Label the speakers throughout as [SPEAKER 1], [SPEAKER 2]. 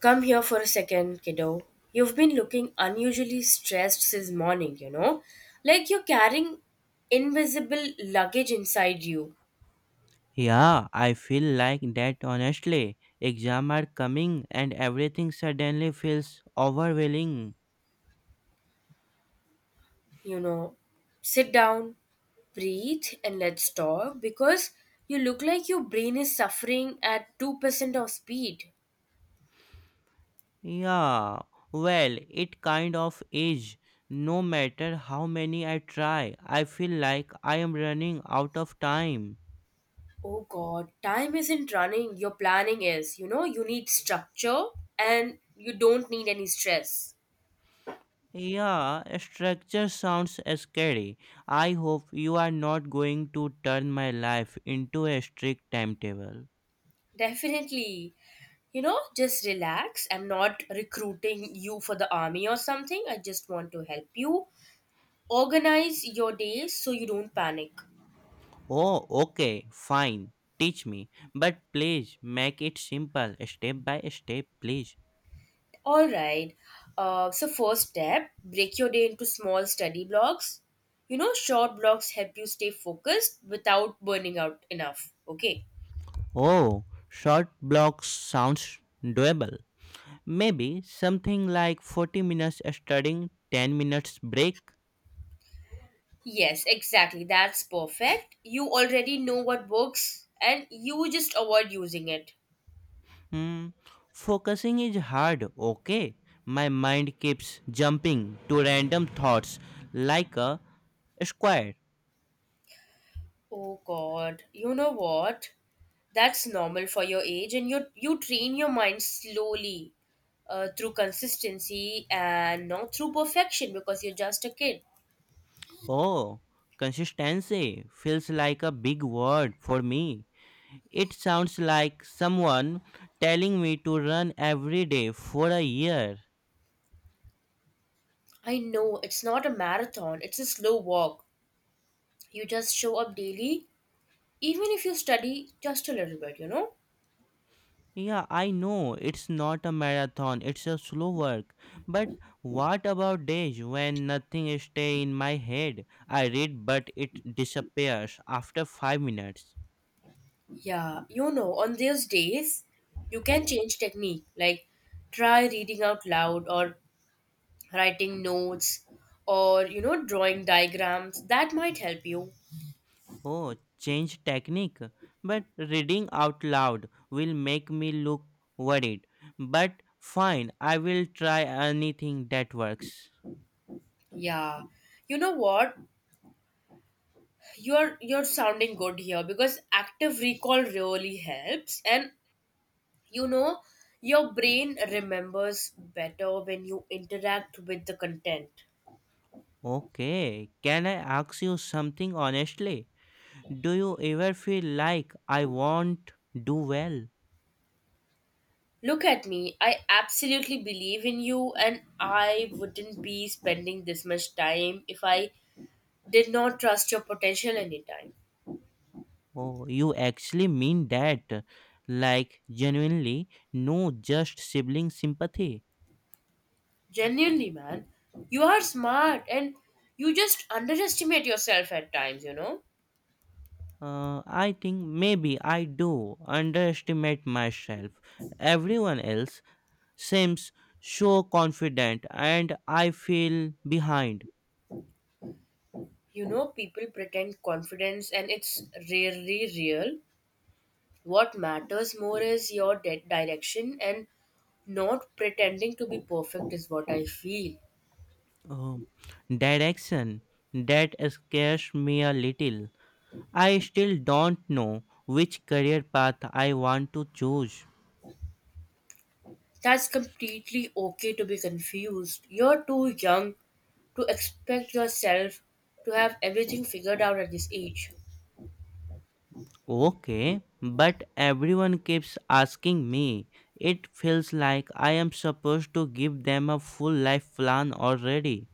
[SPEAKER 1] Come here for a second, kiddo. You've been looking unusually stressed since morning, you know? Like you're carrying invisible luggage inside you,
[SPEAKER 2] Yeah, I feel like that honestly. Exam are coming and everything suddenly feels overwhelming.
[SPEAKER 1] you know? Sit down, breathe, and let's talk because you look like your brain is suffering at 2% of speed.
[SPEAKER 2] Yeah, well, it kind of is. No matter how many I try, I feel like I am running out of time.
[SPEAKER 1] Oh god, time isn't running, your planning is. You know, you need structure and you don't need any stress.
[SPEAKER 2] Yeah, structure sounds scary. I hope you are not going to turn my life into a strict timetable.
[SPEAKER 1] Definitely. You know, just relax. I'm not recruiting you for the army or something. I just want to help you organize your days so you don't panic.
[SPEAKER 2] Oh, okay, fine. Teach me. But please make it simple, step by step, please.
[SPEAKER 1] All right. First step, break your day into small study blocks. You know, short blocks help you stay focused without burning out enough. Okay.
[SPEAKER 2] Oh, short blocks sounds doable. Maybe something like 40 minutes studying, 10 minutes break.
[SPEAKER 1] Yes, exactly. That's perfect. You already know what works and you just avoid using it.
[SPEAKER 2] Hmm, focusing is hard, okay? My mind keeps jumping to random thoughts like a square.
[SPEAKER 1] Oh God, you know what? That's normal for your age, and you train your mind slowly through consistency and not through perfection because you're just a kid.
[SPEAKER 2] Oh, consistency feels like a big word for me. It sounds like someone telling me to run every day for a year.
[SPEAKER 1] I know it's not a marathon; it's a slow walk. You just show up daily, even if you study just a little bit. You know?
[SPEAKER 2] Yeah, I know it's not a marathon, it's a slow work. But what about days when nothing stay in my head? I read but it disappears after 5 minutes.
[SPEAKER 1] Yeah, you know. On those days, you can change technique, like try reading out loud or writing notes or you know drawing diagrams that might help you.
[SPEAKER 2] Oh, change technique. But reading out loud will make me look worried. But fine, I will try anything that works.
[SPEAKER 1] Yeah, you know what? You're sounding good here because active recall really helps, and you know, your brain remembers better when you interact with the content.
[SPEAKER 2] Okay, can I ask you something honestly? Do you ever feel like I won't do well?
[SPEAKER 1] Look at me. I absolutely believe in you, and I wouldn't be spending this much time if I did not trust your potential anytime.
[SPEAKER 2] Oh, you actually mean that? Like, genuinely, no just sibling sympathy?
[SPEAKER 1] Genuinely, man, you are smart and you just underestimate yourself at times, you know.
[SPEAKER 2] I think maybe I do underestimate myself. Everyone else seems so confident, and I feel behind.
[SPEAKER 1] You know, people pretend confidence and it's rarely real. What matters more is your direction and not pretending to be perfect is what I feel.
[SPEAKER 2] Oh, direction that scares me a little. I still don't know which career path I want to choose.
[SPEAKER 1] That's completely okay to be confused. You're too young to expect yourself to have everything figured out at this age.
[SPEAKER 2] Okay, but everyone keeps asking me. It feels like I am supposed to give them a full life plan already.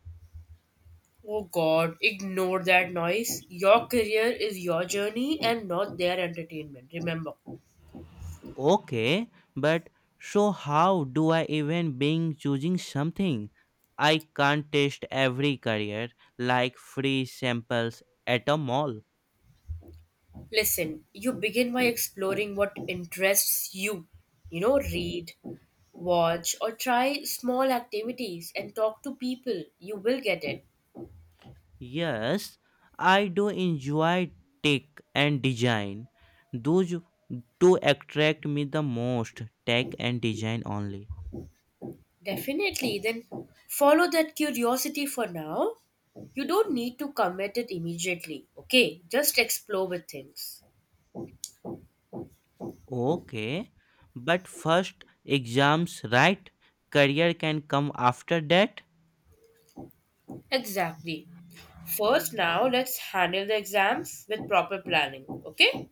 [SPEAKER 1] Oh God, ignore that noise. Your career is your journey and not their entertainment. Remember,
[SPEAKER 2] Okay, but so how do I even being choosing something? I can't test every career like free samples at a mall.
[SPEAKER 1] listen, you begin by exploring what interests you. You know, read, watch, or try small activities and talk to people. You will get it.
[SPEAKER 2] Yes, I do enjoy tech and design. Those two attract me the most, tech and design only.
[SPEAKER 1] Definitely. Then follow that curiosity for now. You don't need to commit it immediately, okay? Just explore with things.
[SPEAKER 2] Okay, but first exams, right? Career can come after that.
[SPEAKER 1] Exactly. First, now let's handle the exams with proper planning, okay?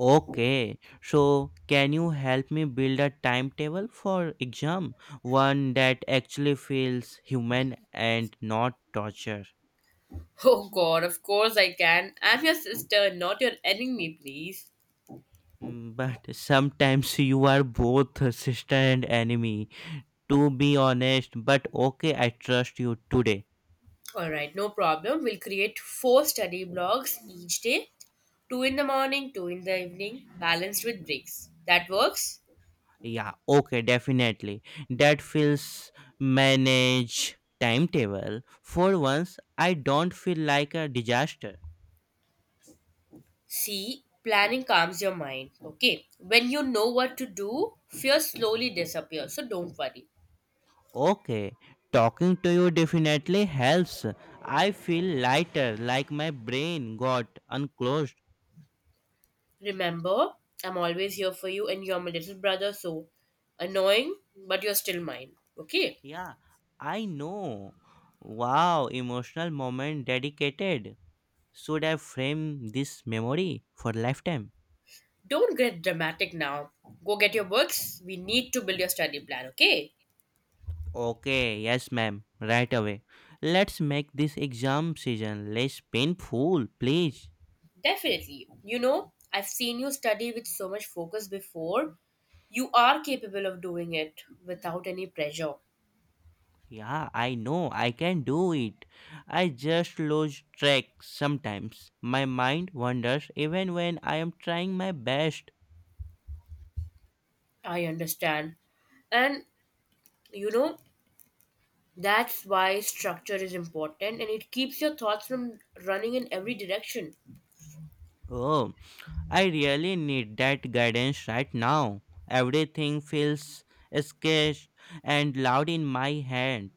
[SPEAKER 2] Okay, so can you help me build a timetable for exam? One that actually feels human and not torture.
[SPEAKER 1] Oh god, of course I can. I'm your sister, not your enemy, please.
[SPEAKER 2] Mm. But sometimes you are both sister and enemy. To be honest, but okay, I trust you today.
[SPEAKER 1] Alright, no problem. We'll create four study blocks each day, two in the morning, two in the evening, balanced with breaks. That works?
[SPEAKER 2] Yeah, okay, definitely. That feels manage timetable. For once, I don't feel like a disaster.
[SPEAKER 1] See, planning calms your mind, okay? When you know what to do, fear slowly disappears, so don't worry.
[SPEAKER 2] Okay, talking to you definitely helps. I feel lighter, like my brain got unclosed.
[SPEAKER 1] Remember, I'm always here for you and you're my little brother, so annoying, but you're still mine. Okay?
[SPEAKER 2] Yeah, I know. Wow, emotional moment dedicated. Should I frame this memory for lifetime?
[SPEAKER 1] Don't get dramatic now. Go get your books. We need to build your study plan, okay?
[SPEAKER 2] Okay, yes, ma'am, right away. Let's make this exam season less painful, please.
[SPEAKER 1] Definitely. You know, I've seen you study with so much focus before. You are capable of doing it without any pressure.
[SPEAKER 2] Yeah, I know, I can do it. I just lose track sometimes. My mind wanders even when I am trying my best.
[SPEAKER 1] I understand. And you know, that's why structure is important and it keeps your thoughts from running in every direction.
[SPEAKER 2] Oh, I really need that guidance right now. Everything feels sketched and loud in my head.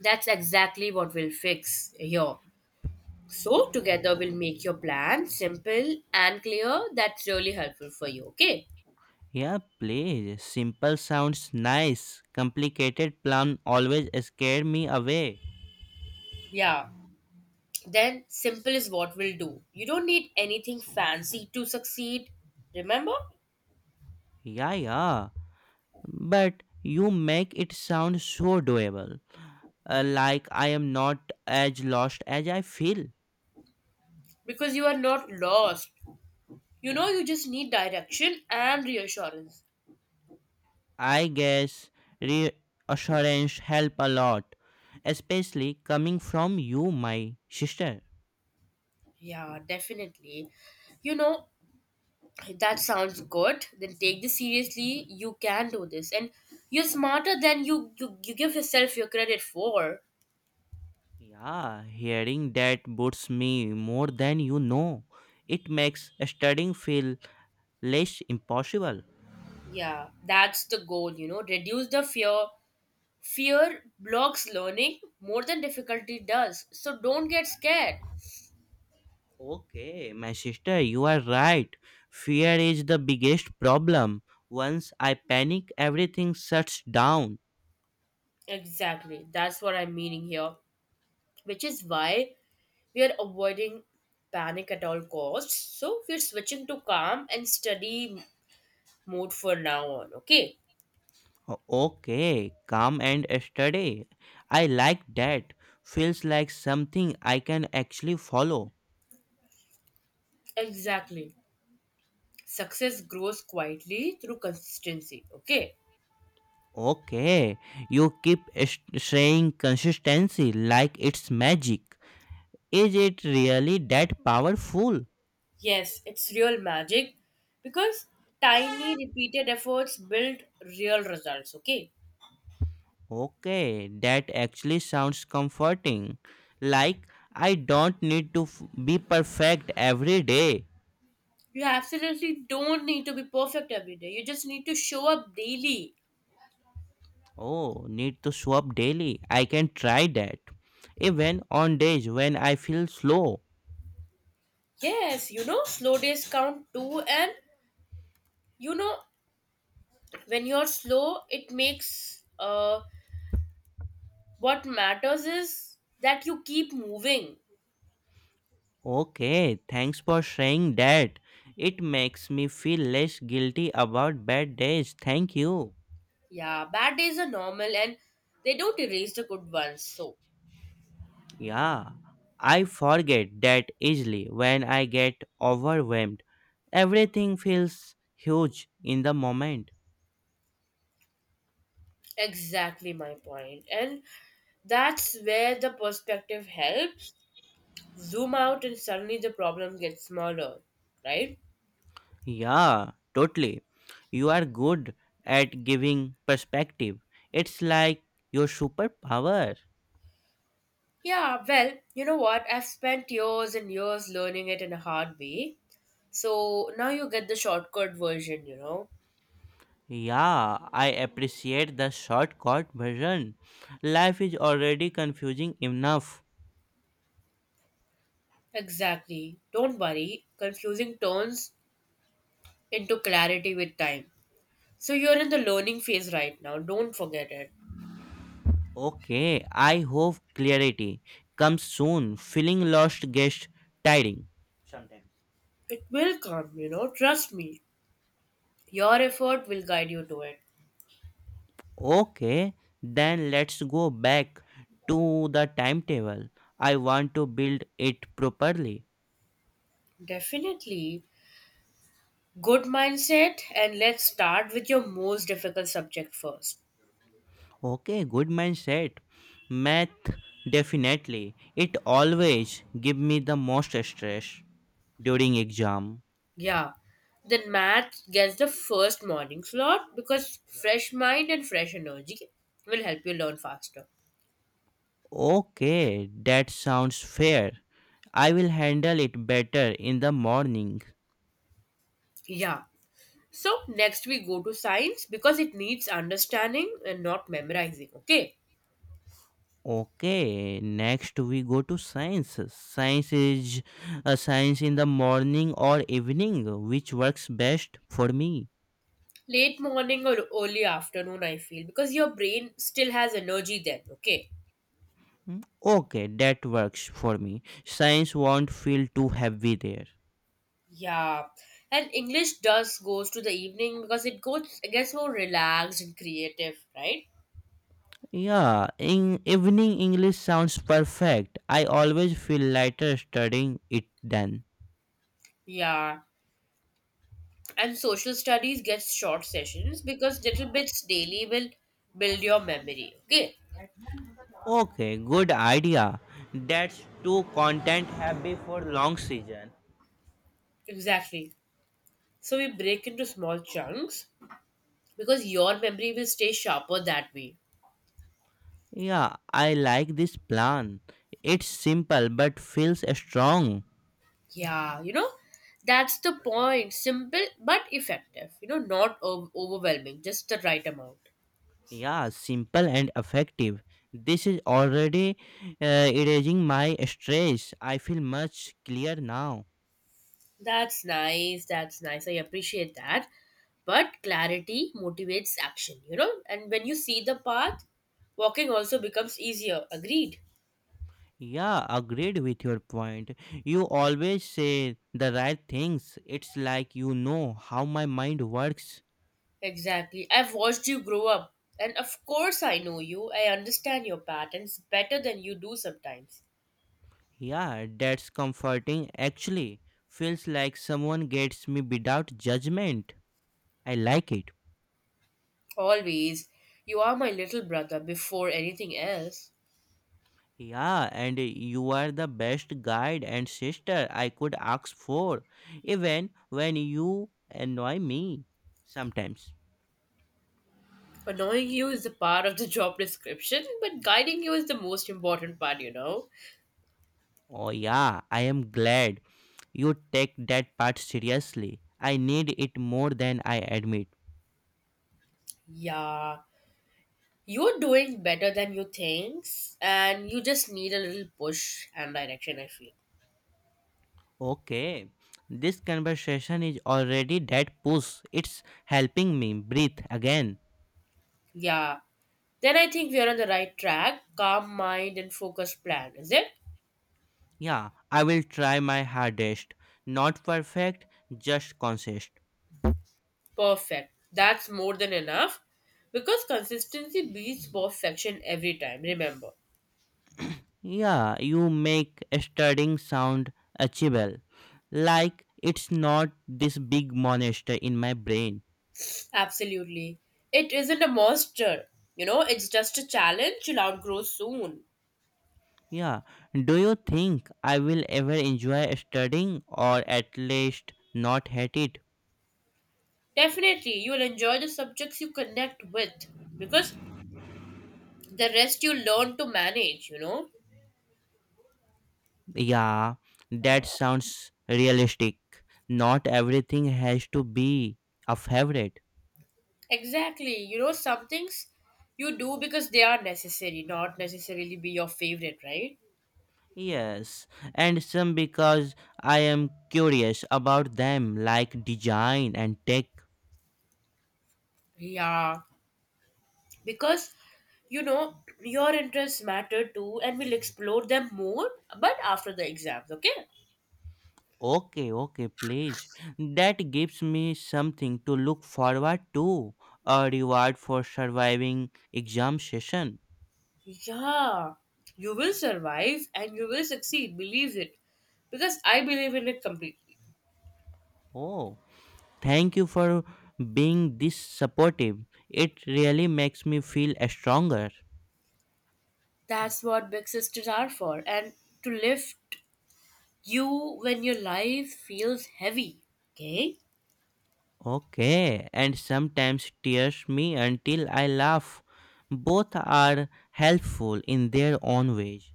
[SPEAKER 1] That's exactly what we'll fix here. So, together we'll make your plan simple and clear. That's really helpful for you, okay?
[SPEAKER 2] Yeah, please. Simple sounds nice. Complicated plan always scare me away.
[SPEAKER 1] Yeah. Then, simple is what we'll do. You don't need anything fancy to succeed, remember?
[SPEAKER 2] Yeah, yeah. But you make it sound so doable. Like I am not as lost as I feel.
[SPEAKER 1] Because you are not lost. You know, you just need direction and reassurance.
[SPEAKER 2] I guess reassurance help a lot, especially coming from you, my sister.
[SPEAKER 1] Yeah, definitely. You know, that sounds good. Then take this seriously. You can do this. And you're smarter than you give yourself your credit for.
[SPEAKER 2] Yeah, hearing that boosts me more than you know. It makes studying feel less impossible.
[SPEAKER 1] Yeah, that's the goal, you know, reduce the fear. Fear blocks learning more than difficulty does. So don't get scared.
[SPEAKER 2] Okay, my sister, you are right. Fear is the biggest problem. Once I panic, everything shuts down.
[SPEAKER 1] Exactly. That's what I'm meaning here, which is why we are avoiding panic at all costs. So we're switching to calm and study mode for now on, okay?
[SPEAKER 2] Okay, calm and steady. I like that. Feels like something I can actually follow.
[SPEAKER 1] Exactly. Success grows quietly through consistency, okay?
[SPEAKER 2] Okay, you keep saying consistency like it's magic. Is it really that powerful?
[SPEAKER 1] Yes, it's real magic because tiny repeated efforts build real results, okay?
[SPEAKER 2] Okay, that actually sounds comforting. Like, I don't need to be perfect every day.
[SPEAKER 1] You absolutely don't need to be perfect every day. You just need to show up daily.
[SPEAKER 2] Oh, need to swap daily. I can try that. Even on days when I feel slow.
[SPEAKER 1] Yes, you know, slow days count too, and you know, when you're slow, it makes what matters is that you keep moving.
[SPEAKER 2] Okay, thanks for saying that. It makes me feel less guilty about bad days. Thank you.
[SPEAKER 1] Yeah, bad days are normal and they don't erase the good ones. So,
[SPEAKER 2] Yeah, I forget that easily when I get overwhelmed. Everything feels huge in the moment.
[SPEAKER 1] exactly my point. And that's where the perspective helps. Zoom out, and suddenly the problem gets smaller, right?
[SPEAKER 2] Yeah, totally. You are good at giving perspective. It's like your superpower.
[SPEAKER 1] Yeah, well, you know what? I've spent years and years learning it in a hard way. So now you get the shortcut version, you know?
[SPEAKER 2] Yeah, I appreciate the shortcut version. Life is already confusing enough.
[SPEAKER 1] Exactly. Don't worry, confusing turns into clarity with time. So you're in the learning phase right now. Don't forget it.
[SPEAKER 2] Okay, I hope clarity comes soon. Feeling lost gets tiring. Sometimes.
[SPEAKER 1] It will come, you know? Trust me. Your effort will guide you to it.
[SPEAKER 2] Okay, then let's go back to the timetable. I want to build it properly.
[SPEAKER 1] Definitely. Good mindset, and let's start with your most difficult subject first.
[SPEAKER 2] Okay, good mindset. Math definitely. It always give me the most stress during exam.
[SPEAKER 1] Yeah, then math gets the first morning slot because fresh mind and fresh energy will help you learn faster.
[SPEAKER 2] Okay, that sounds fair. I will handle it better in the morning.
[SPEAKER 1] Yeah. So next we go to science because it needs understanding and not memorizing. Okay.
[SPEAKER 2] Okay, next we go to science. Science is a science in the morning or evening, which works best for me.
[SPEAKER 1] Late morning or early afternoon, I feel, because your brain still has energy then. Okay.
[SPEAKER 2] Hmm, okay, that works for me. Science won't feel too heavy there.
[SPEAKER 1] Yeah, and English does goes to the evening because it goes it gets more relaxed and creative, right?
[SPEAKER 2] Yeah, in evening English sounds perfect. I always feel lighter studying it then.
[SPEAKER 1] Yeah, and social studies gets short sessions because little bits daily will build your memory. Okay,
[SPEAKER 2] Okay, good idea. That's too content heavy for long season.
[SPEAKER 1] exactly. So we break into small chunks because your memory will stay sharper that way.
[SPEAKER 2] Yeah, I like this plan. It's simple but feels strong.
[SPEAKER 1] Yeah, you know, that's the point. Simple but effective. You know, not overwhelming, just the right amount.
[SPEAKER 2] Yeah, simple and effective. This is already erasing my stress. I feel much clear now.
[SPEAKER 1] That's nice. That's nice. I appreciate that. But clarity motivates action, you know? And when you see the path, walking also becomes easier. Agreed.
[SPEAKER 2] Yeah, agreed with your point. You always say the right things. It's like you know how my mind works.
[SPEAKER 1] Exactly. I've watched you grow up. And of course, I know you. I understand your patterns better than you do sometimes.
[SPEAKER 2] Yeah, that's comforting actually. Feels like someone gets me without judgment. I like it.
[SPEAKER 1] Always. You are my little brother before anything else.
[SPEAKER 2] Yeah, and you are the best guide and sister I could ask for, even when you annoy me sometimes.
[SPEAKER 1] Annoying you is the part of the job description, but guiding you is the most important part, you know?
[SPEAKER 2] Oh, yeah, I am glad you take that part seriously. I need it more than I admit.
[SPEAKER 1] Yeah. You're doing better than you think, and you just need a little push and direction, I feel.
[SPEAKER 2] Okay, this conversation is already that push. It's helping me breathe again.
[SPEAKER 1] Yeah. Then I think we're on the right track. Calm mind and focused plan, is it?
[SPEAKER 2] Yeah, I will try my hardest. Not perfect, just consist.
[SPEAKER 1] Perfect. That's more than enough. Because consistency beats perfection every time, remember.
[SPEAKER 2] Yeah, you make a studying sound achievable. Like it's not this big monster in my brain.
[SPEAKER 1] Absolutely. It isn't a monster. You know, it's just a challenge you'll outgrow soon.
[SPEAKER 2] Yeah. Do you think I will ever enjoy studying or at least not hate it?
[SPEAKER 1] Definitely, you'll enjoy the subjects you connect with because the rest you learn to manage, you know.
[SPEAKER 2] Yeah, that sounds realistic. Not everything has to be a favorite.
[SPEAKER 1] Exactly. You know, some things you do because they are necessary, not necessarily be your favorite, right?
[SPEAKER 2] Yes, and some because I am curious about them, like design and tech.
[SPEAKER 1] Yeah. Because, you know, your interests matter too, and we'll explore them more, but after the exams, okay?
[SPEAKER 2] Okay, okay, please. That gives me something to look forward to, a reward for surviving exam session.
[SPEAKER 1] Yeah. You will survive and you will succeed. Believe it. Because I believe in it completely.
[SPEAKER 2] Oh. Thank you for being this supportive. It really makes me feel stronger.
[SPEAKER 1] That's what big sisters are for, and to lift you when your life feels heavy, okay?
[SPEAKER 2] Okay, and sometimes tears me until I laugh. Both are helpful in their own ways.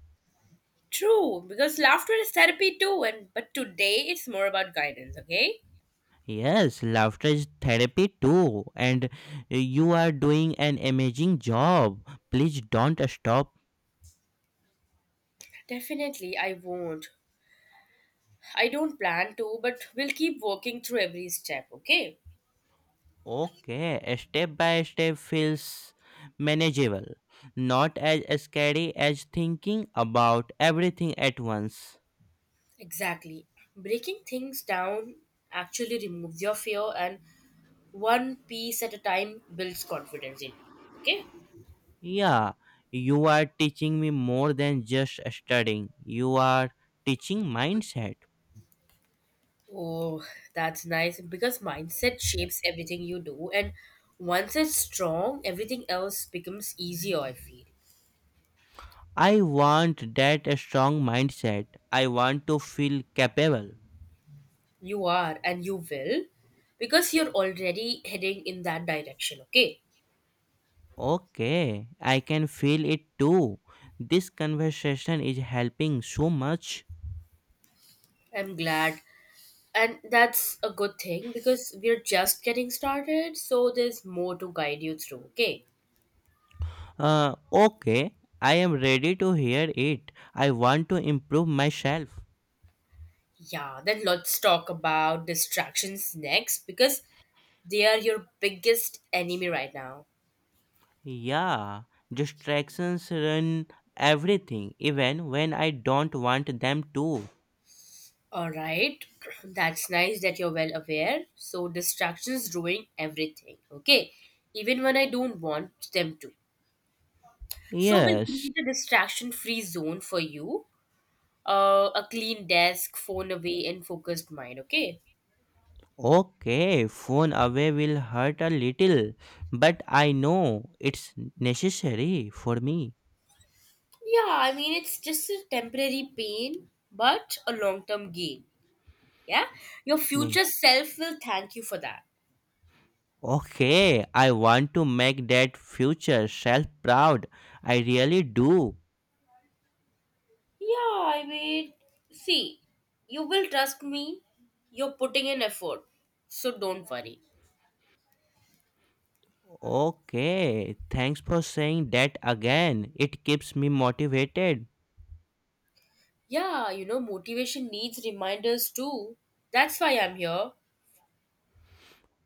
[SPEAKER 1] True, because laughter is therapy too, and but today it's more about guidance, okay?
[SPEAKER 2] Yes, laughter is therapy too, and you are doing an amazing job. Please don't stop.
[SPEAKER 1] Definitely, I won't. I don't plan to, but we'll keep working through every step, okay?
[SPEAKER 2] Okay, a step by step feels manageable, not as scary as thinking about everything at once.
[SPEAKER 1] Exactly. Breaking things down actually removes your fear, and one piece at a time builds confidence in you, okay?
[SPEAKER 2] Yeah, you are teaching me more than just studying, you are teaching mindset.
[SPEAKER 1] Oh, that's nice because mindset shapes everything you do, and once it's strong, everything else becomes easier, I feel.
[SPEAKER 2] I want that strong mindset. I want to feel capable.
[SPEAKER 1] You are, and you will, because you're already heading in that direction, okay?
[SPEAKER 2] Okay, I can feel it too. This conversation is helping so much.
[SPEAKER 1] I'm glad. And that's a good thing because we're just getting started, so there's more to guide you through, okay?
[SPEAKER 2] Okay, I am ready to hear it. I want to improve myself.
[SPEAKER 1] Yeah, then let's talk about distractions next because they are your biggest enemy right now.
[SPEAKER 2] Yeah, distractions run everything, even when I don't want them to.
[SPEAKER 1] All right, that's nice that you're well aware. So, distractions ruin everything, okay? Even when I don't want them to. So we'll
[SPEAKER 2] Yes,
[SPEAKER 1] create a distraction-free zone for you, a clean desk, phone away, and focused mind. Okay.
[SPEAKER 2] okay, phone away will hurt a little, but I know it's necessary for me.
[SPEAKER 1] Yeah, I mean it's just a temporary pain, but a long-term gain. Yeah, your
[SPEAKER 2] Me.
[SPEAKER 1] future self will thank you for that.
[SPEAKER 2] Okay, I want to make that future self proud. I really do.
[SPEAKER 1] Yeah, I mean, see, you will trust me. You're putting in effort, so don't worry.
[SPEAKER 2] Okay, thanks for saying that again. It keeps me motivated.
[SPEAKER 1] Yeah, you know, motivation needs reminders too. That's why I'm here.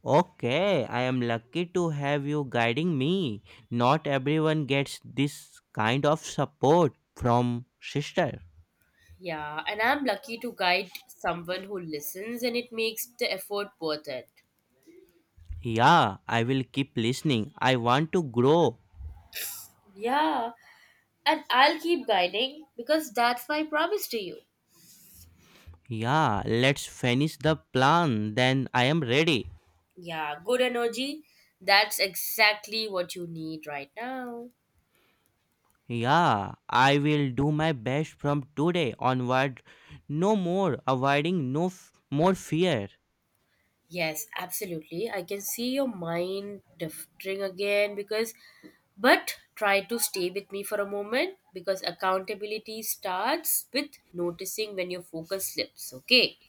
[SPEAKER 2] Okay, I am lucky to have you guiding me. Not everyone gets this kind of support from sister.
[SPEAKER 1] Yeah, and I'm lucky to guide someone who listens and it makes the effort worth it.
[SPEAKER 2] Yeah, I will keep listening. I want to grow.
[SPEAKER 1] Yeah, and I'll keep guiding because that's my promise to you.
[SPEAKER 2] Yeah, let's finish the plan then I am ready.
[SPEAKER 1] Yeah, good energy. That's exactly what you need right now.
[SPEAKER 2] Yeah, I will do my best from today onward. No more avoiding no more fear.
[SPEAKER 1] Yes, absolutely. I can see your mind drifting again because, but try to stay with me for a moment because accountability starts with noticing when your focus slips, okay?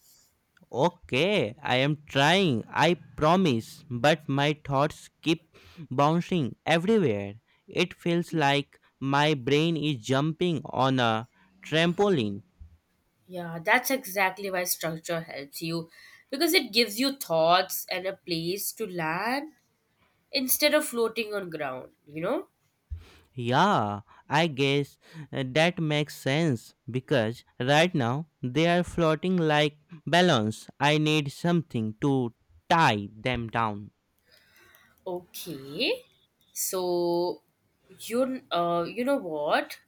[SPEAKER 2] Okay, I am trying, I promise, but my thoughts keep bouncing everywhere. It feels like my brain is jumping on a trampoline.
[SPEAKER 1] Yeah, that's exactly why structure helps you because it gives you thoughts and a place to land instead of floating on ground, you know?
[SPEAKER 2] Yeah, I guess that makes sense because right now they are floating like balloons. I need something to tie them down.
[SPEAKER 1] Okay. So you know what?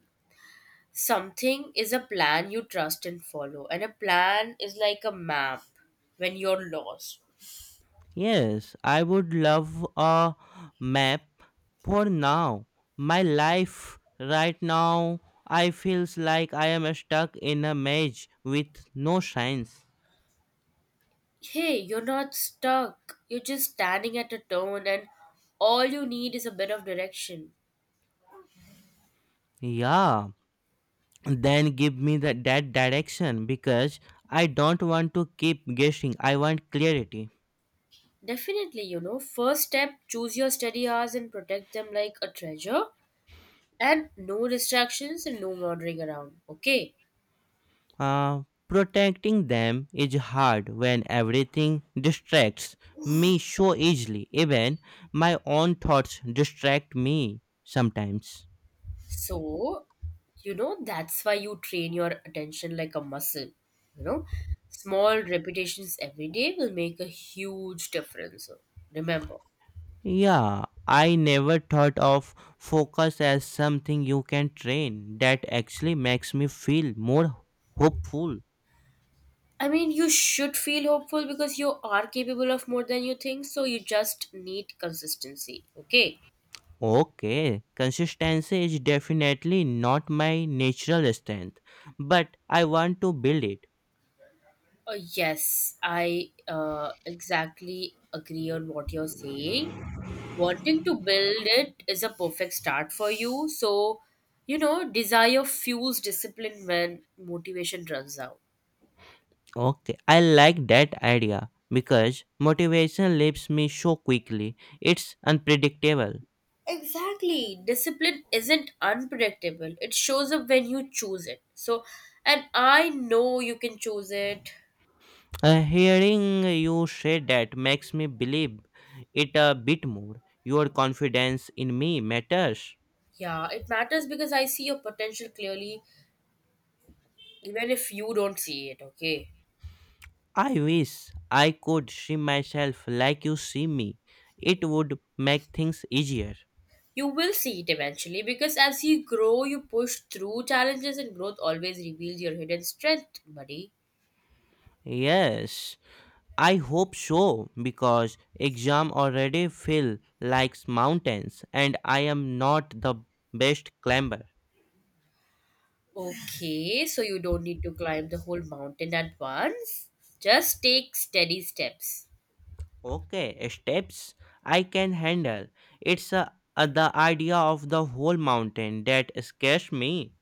[SPEAKER 1] Something is a plan you trust and follow, and a plan is like a map when you're lost.
[SPEAKER 2] Yes, I would love a map for now. My life right now I feels like I am stuck in a maze with no signs.
[SPEAKER 1] Hey, you're not stuck. You're just standing at a turn and all you need is a bit of direction.
[SPEAKER 2] Yeah, then give me that direction because I don't want to keep guessing. I want clarity.
[SPEAKER 1] Definitely, you know, first step choose your study hours and protect them like a treasure, and no distractions and no wandering around. Okay,
[SPEAKER 2] Uh, protecting them is hard when everything distracts me so easily. Even my own thoughts distract me sometimes.
[SPEAKER 1] so you know that's why you train your attention like a muscle. You know, small repetitions every day will make a huge difference. Remember,
[SPEAKER 2] Yeah, I never thought of focus as something you can train. That actually makes me feel more hopeful.
[SPEAKER 1] I mean, you should feel hopeful because you are capable of more than you think, so you just need consistency. Okay.
[SPEAKER 2] Okay, consistency is definitely not my natural strength, but I want to build it.
[SPEAKER 1] Yes, I exactly agree on what you're saying. Wanting to build it is a perfect start for you. So, you know, desire fuels discipline when motivation runs out.
[SPEAKER 2] Okay, I like that idea because motivation leaves me so quickly. It's unpredictable.
[SPEAKER 1] Exactly. Discipline isn't unpredictable, it shows up when you choose it. So, and I know you can choose it.
[SPEAKER 2] Hearing you say that makes me believe it a bit more. Your confidence in me matters.
[SPEAKER 1] Yeah, it matters because I see your potential clearly, even if you don't see it, okay?
[SPEAKER 2] I wish I could see myself like you see me. It would make things easier.
[SPEAKER 1] You will see it eventually because as you grow, you push through challenges and growth always reveals your hidden strength, buddy.
[SPEAKER 2] Yes, I hope so because exam already feel like mountains and I am not the best climber.
[SPEAKER 1] Okay, so you don't need to climb the whole mountain at once. Just take steady steps.
[SPEAKER 2] Okay, steps I can handle. It's the idea of the whole mountain that scares me.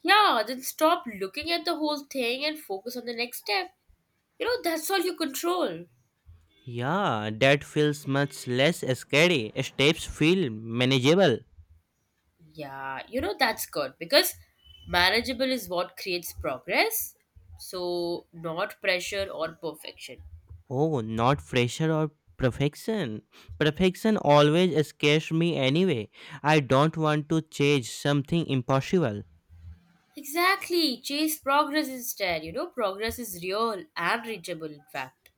[SPEAKER 1] Yeah, then stop looking at the whole thing and focus on the next step. You know, that's all you control.
[SPEAKER 2] Yeah, that feels much less scary. Steps feel manageable.
[SPEAKER 1] Yeah, you know, that's good because manageable is what creates progress. So, not pressure or perfection.
[SPEAKER 2] Oh, not pressure or perfection. Perfection always scares me anyway. I don't want to chase something impossible.
[SPEAKER 1] Exactly. Chase progress instead. You know, progress is real and reachable, in fact.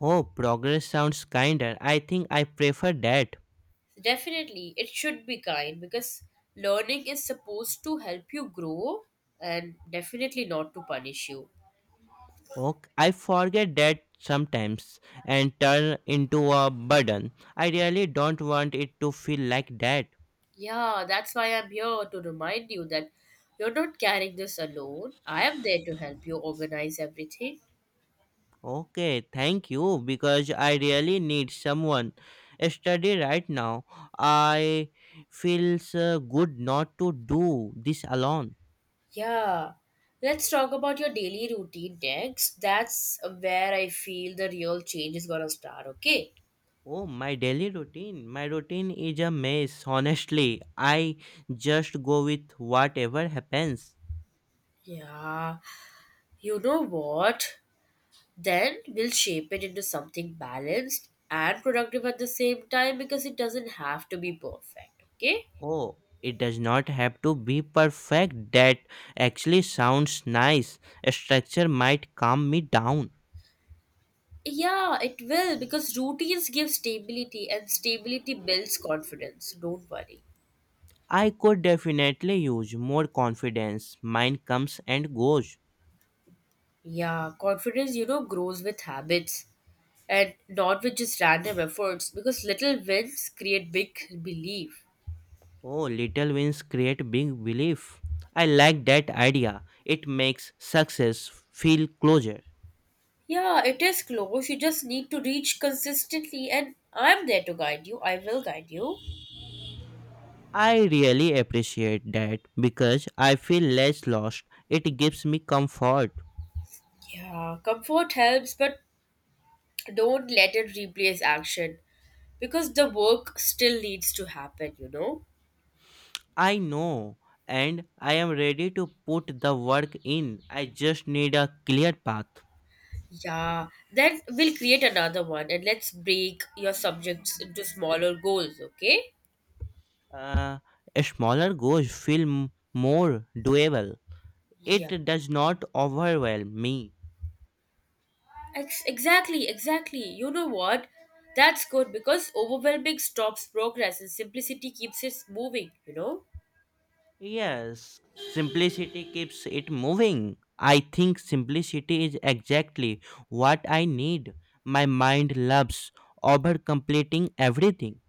[SPEAKER 2] Oh, progress sounds kinder. I think I prefer that.
[SPEAKER 1] Definitely, it should be kind because learning is supposed to help you grow and definitely not to punish you.
[SPEAKER 2] Ok, I forget that sometimes and turn into a burden. I really don't want it to feel like that.
[SPEAKER 1] Yeah, that's why I'm here to remind you that you're not carrying this alone. I am there to help you organize everything.
[SPEAKER 2] Okay, thank you because I really need someone. Study right now. I feels good not to do this alone.
[SPEAKER 1] Yeah. Let's talk about your daily routine next. That's where I feel the real change is gonna start, okay?
[SPEAKER 2] Oh, my daily routine. My routine is a mess. Honestly, I just go with whatever happens.
[SPEAKER 1] Yeah. You know what? Then we'll shape it into something balanced and productive at the same time because it doesn't have to be perfect, okay?
[SPEAKER 2] Oh, it does not have to be perfect. That actually sounds nice. A structure might calm me down.
[SPEAKER 1] Yeah, it will because routines give stability and stability builds confidence. Don't worry.
[SPEAKER 2] I could definitely use more confidence. Mine comes and goes.
[SPEAKER 1] Yeah, confidence, you know, grows with habits and not with just random efforts because little wins create big belief.
[SPEAKER 2] Oh, little wins create big belief. I like that idea. It makes success feel closer.
[SPEAKER 1] Yeah, it is close. You just need to reach consistently, and I'm there to guide you. I will guide you.
[SPEAKER 2] I really appreciate that because I feel less lost. It gives me comfort.
[SPEAKER 1] Yeah, comfort helps, but don't let it replace action because the work still needs to happen, you know?
[SPEAKER 2] I know, and I am ready to put the work in. I just need a clear path.
[SPEAKER 1] Yeah, then we'll create another one and let's break your subjects into smaller goals, okay?
[SPEAKER 2] Uh, a smaller goals feel more doable.
[SPEAKER 1] Yeah.
[SPEAKER 2] It does not overwhelm me.
[SPEAKER 1] Exactly. You know what? That's good because overwhelming stops progress and simplicity keeps us moving, you know?
[SPEAKER 2] Yes, simplicity keeps it moving. I think simplicity is exactly what I need. My mind loves over completing everything.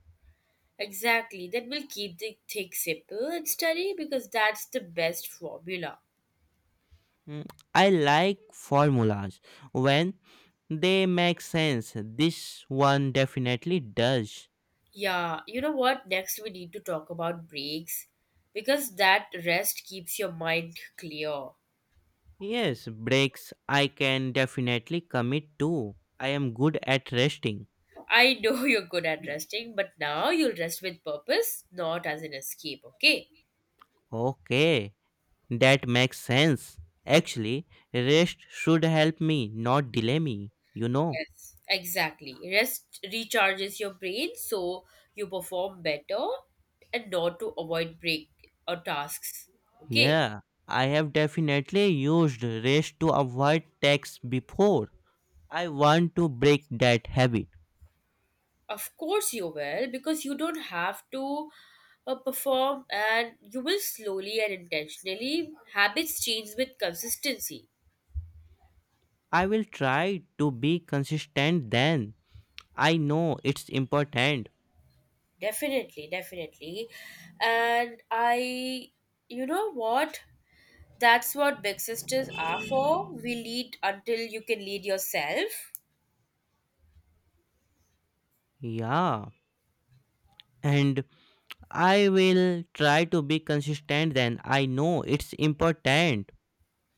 [SPEAKER 1] Exactly. Then we'll keep the thing simple and steady because that's the best formula.
[SPEAKER 2] Mm, I like formulas when they make sense. This one definitely does.
[SPEAKER 1] Yeah, you know what? Next, we need to talk about breaks because that rest keeps your mind clear.
[SPEAKER 2] Yes, breaks I can definitely commit to. I am good at resting.
[SPEAKER 1] I know you're good at resting, but now you'll rest with purpose, not as an escape, okay?
[SPEAKER 2] Okay, that makes sense. Actually, rest should help me, not delay me.
[SPEAKER 1] Yes, exactly. Rest recharges your brain so you perform better and not to avoid break or tasks, okay?
[SPEAKER 2] Yeah, I have definitely used rest to avoid tax before. I want to break that habit.
[SPEAKER 1] Of course, you will, because you don't have to perform and you will slowly and intentionally. Habits change with consistency.
[SPEAKER 2] I will try to be consistent then. I know it's important.
[SPEAKER 1] Definitely, definitely. And I, you know what? That's what big sisters are for. We lead until you can lead yourself.
[SPEAKER 2] Yeah. And I will try to be consistent then. I know it's important.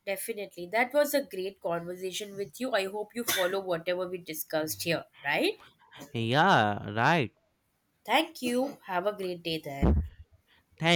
[SPEAKER 1] Definitely. That was a great conversation with you. I hope you follow whatever we discussed here, right?
[SPEAKER 2] Yeah, right.
[SPEAKER 1] Thank you. Have a great day then.
[SPEAKER 2] Thanks.